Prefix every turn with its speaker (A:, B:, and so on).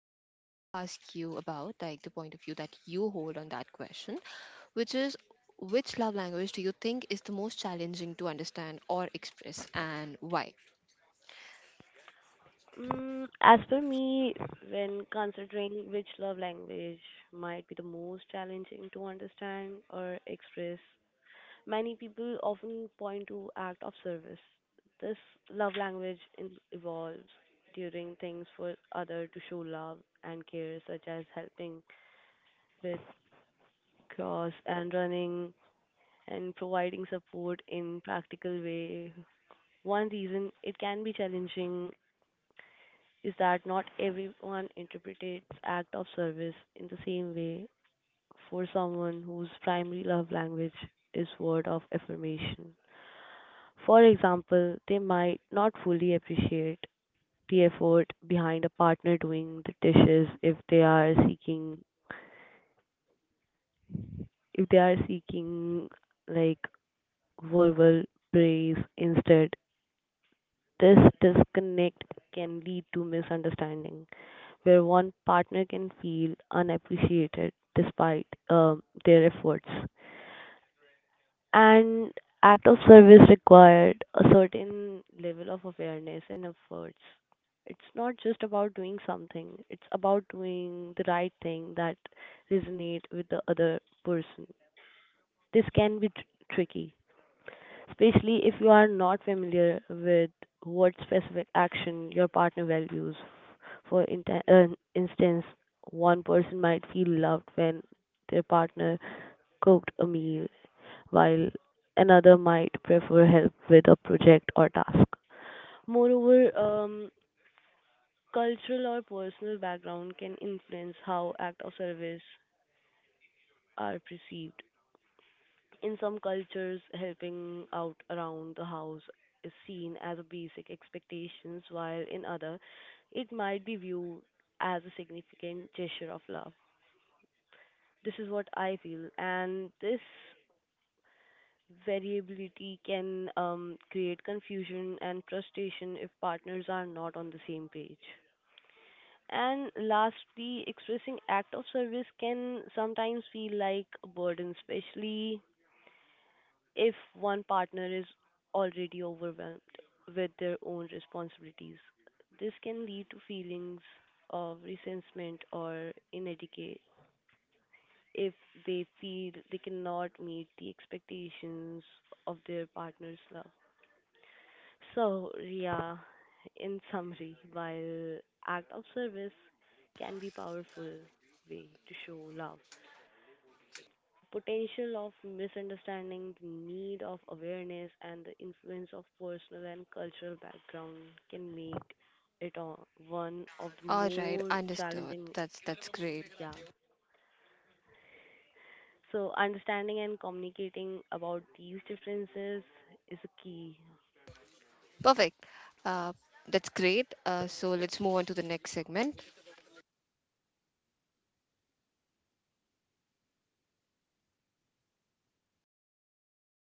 A: to ask you about, like the point of view that you hold on that question, which is which love language do you think is the most challenging to understand or express and why?
B: Mm, as per me, when considering which love language might be the most challenging to understand or express, many people often point to act of service. This love language evolves during things for other to show love and care, such as helping with chores and running and providing support in practical way. One reason it can be challenging is that not everyone interprets act of service in the same way for someone whose primary love language is word of affirmation. For example, they might not fully appreciate the effort behind a partner doing the dishes if they are seeking like verbal praise instead. This disconnect can lead to misunderstanding, where one partner can feel unappreciated despite their efforts. And act of service required a certain level of awareness and efforts. It's not just about doing something; it's about doing the right thing that resonate with the other person. This can be tricky, especially if you are not familiar with what specific action your partner values. For instance, one person might feel loved when their partner cooked a meal, while another might prefer help with a project or task. Moreover, cultural or personal background can influence how acts of service are perceived. In some cultures, helping out around the house is seen as a basic expectations, while in other, it might be viewed as a significant gesture of love. This is what I feel, and this variability can create confusion and frustration if partners are not on the same page. And lastly, expressing act of service can sometimes feel like a burden, especially if one partner is already overwhelmed with their own responsibilities. This can lead to feelings of resentment or inadequate if they feel they cannot meet the expectations of their partner's love. So, yeah, in summary, while act of service can be powerful way to show love, the potential of misunderstanding, the need of awareness, and the influence of personal and cultural background can make one of the
A: All right,
B: more
A: understood.
B: challenging.
A: That's great.
B: Yeah. So, understanding and communicating about these differences is a key
A: Perfect. Uh, that's great. So let's move on to the next segment.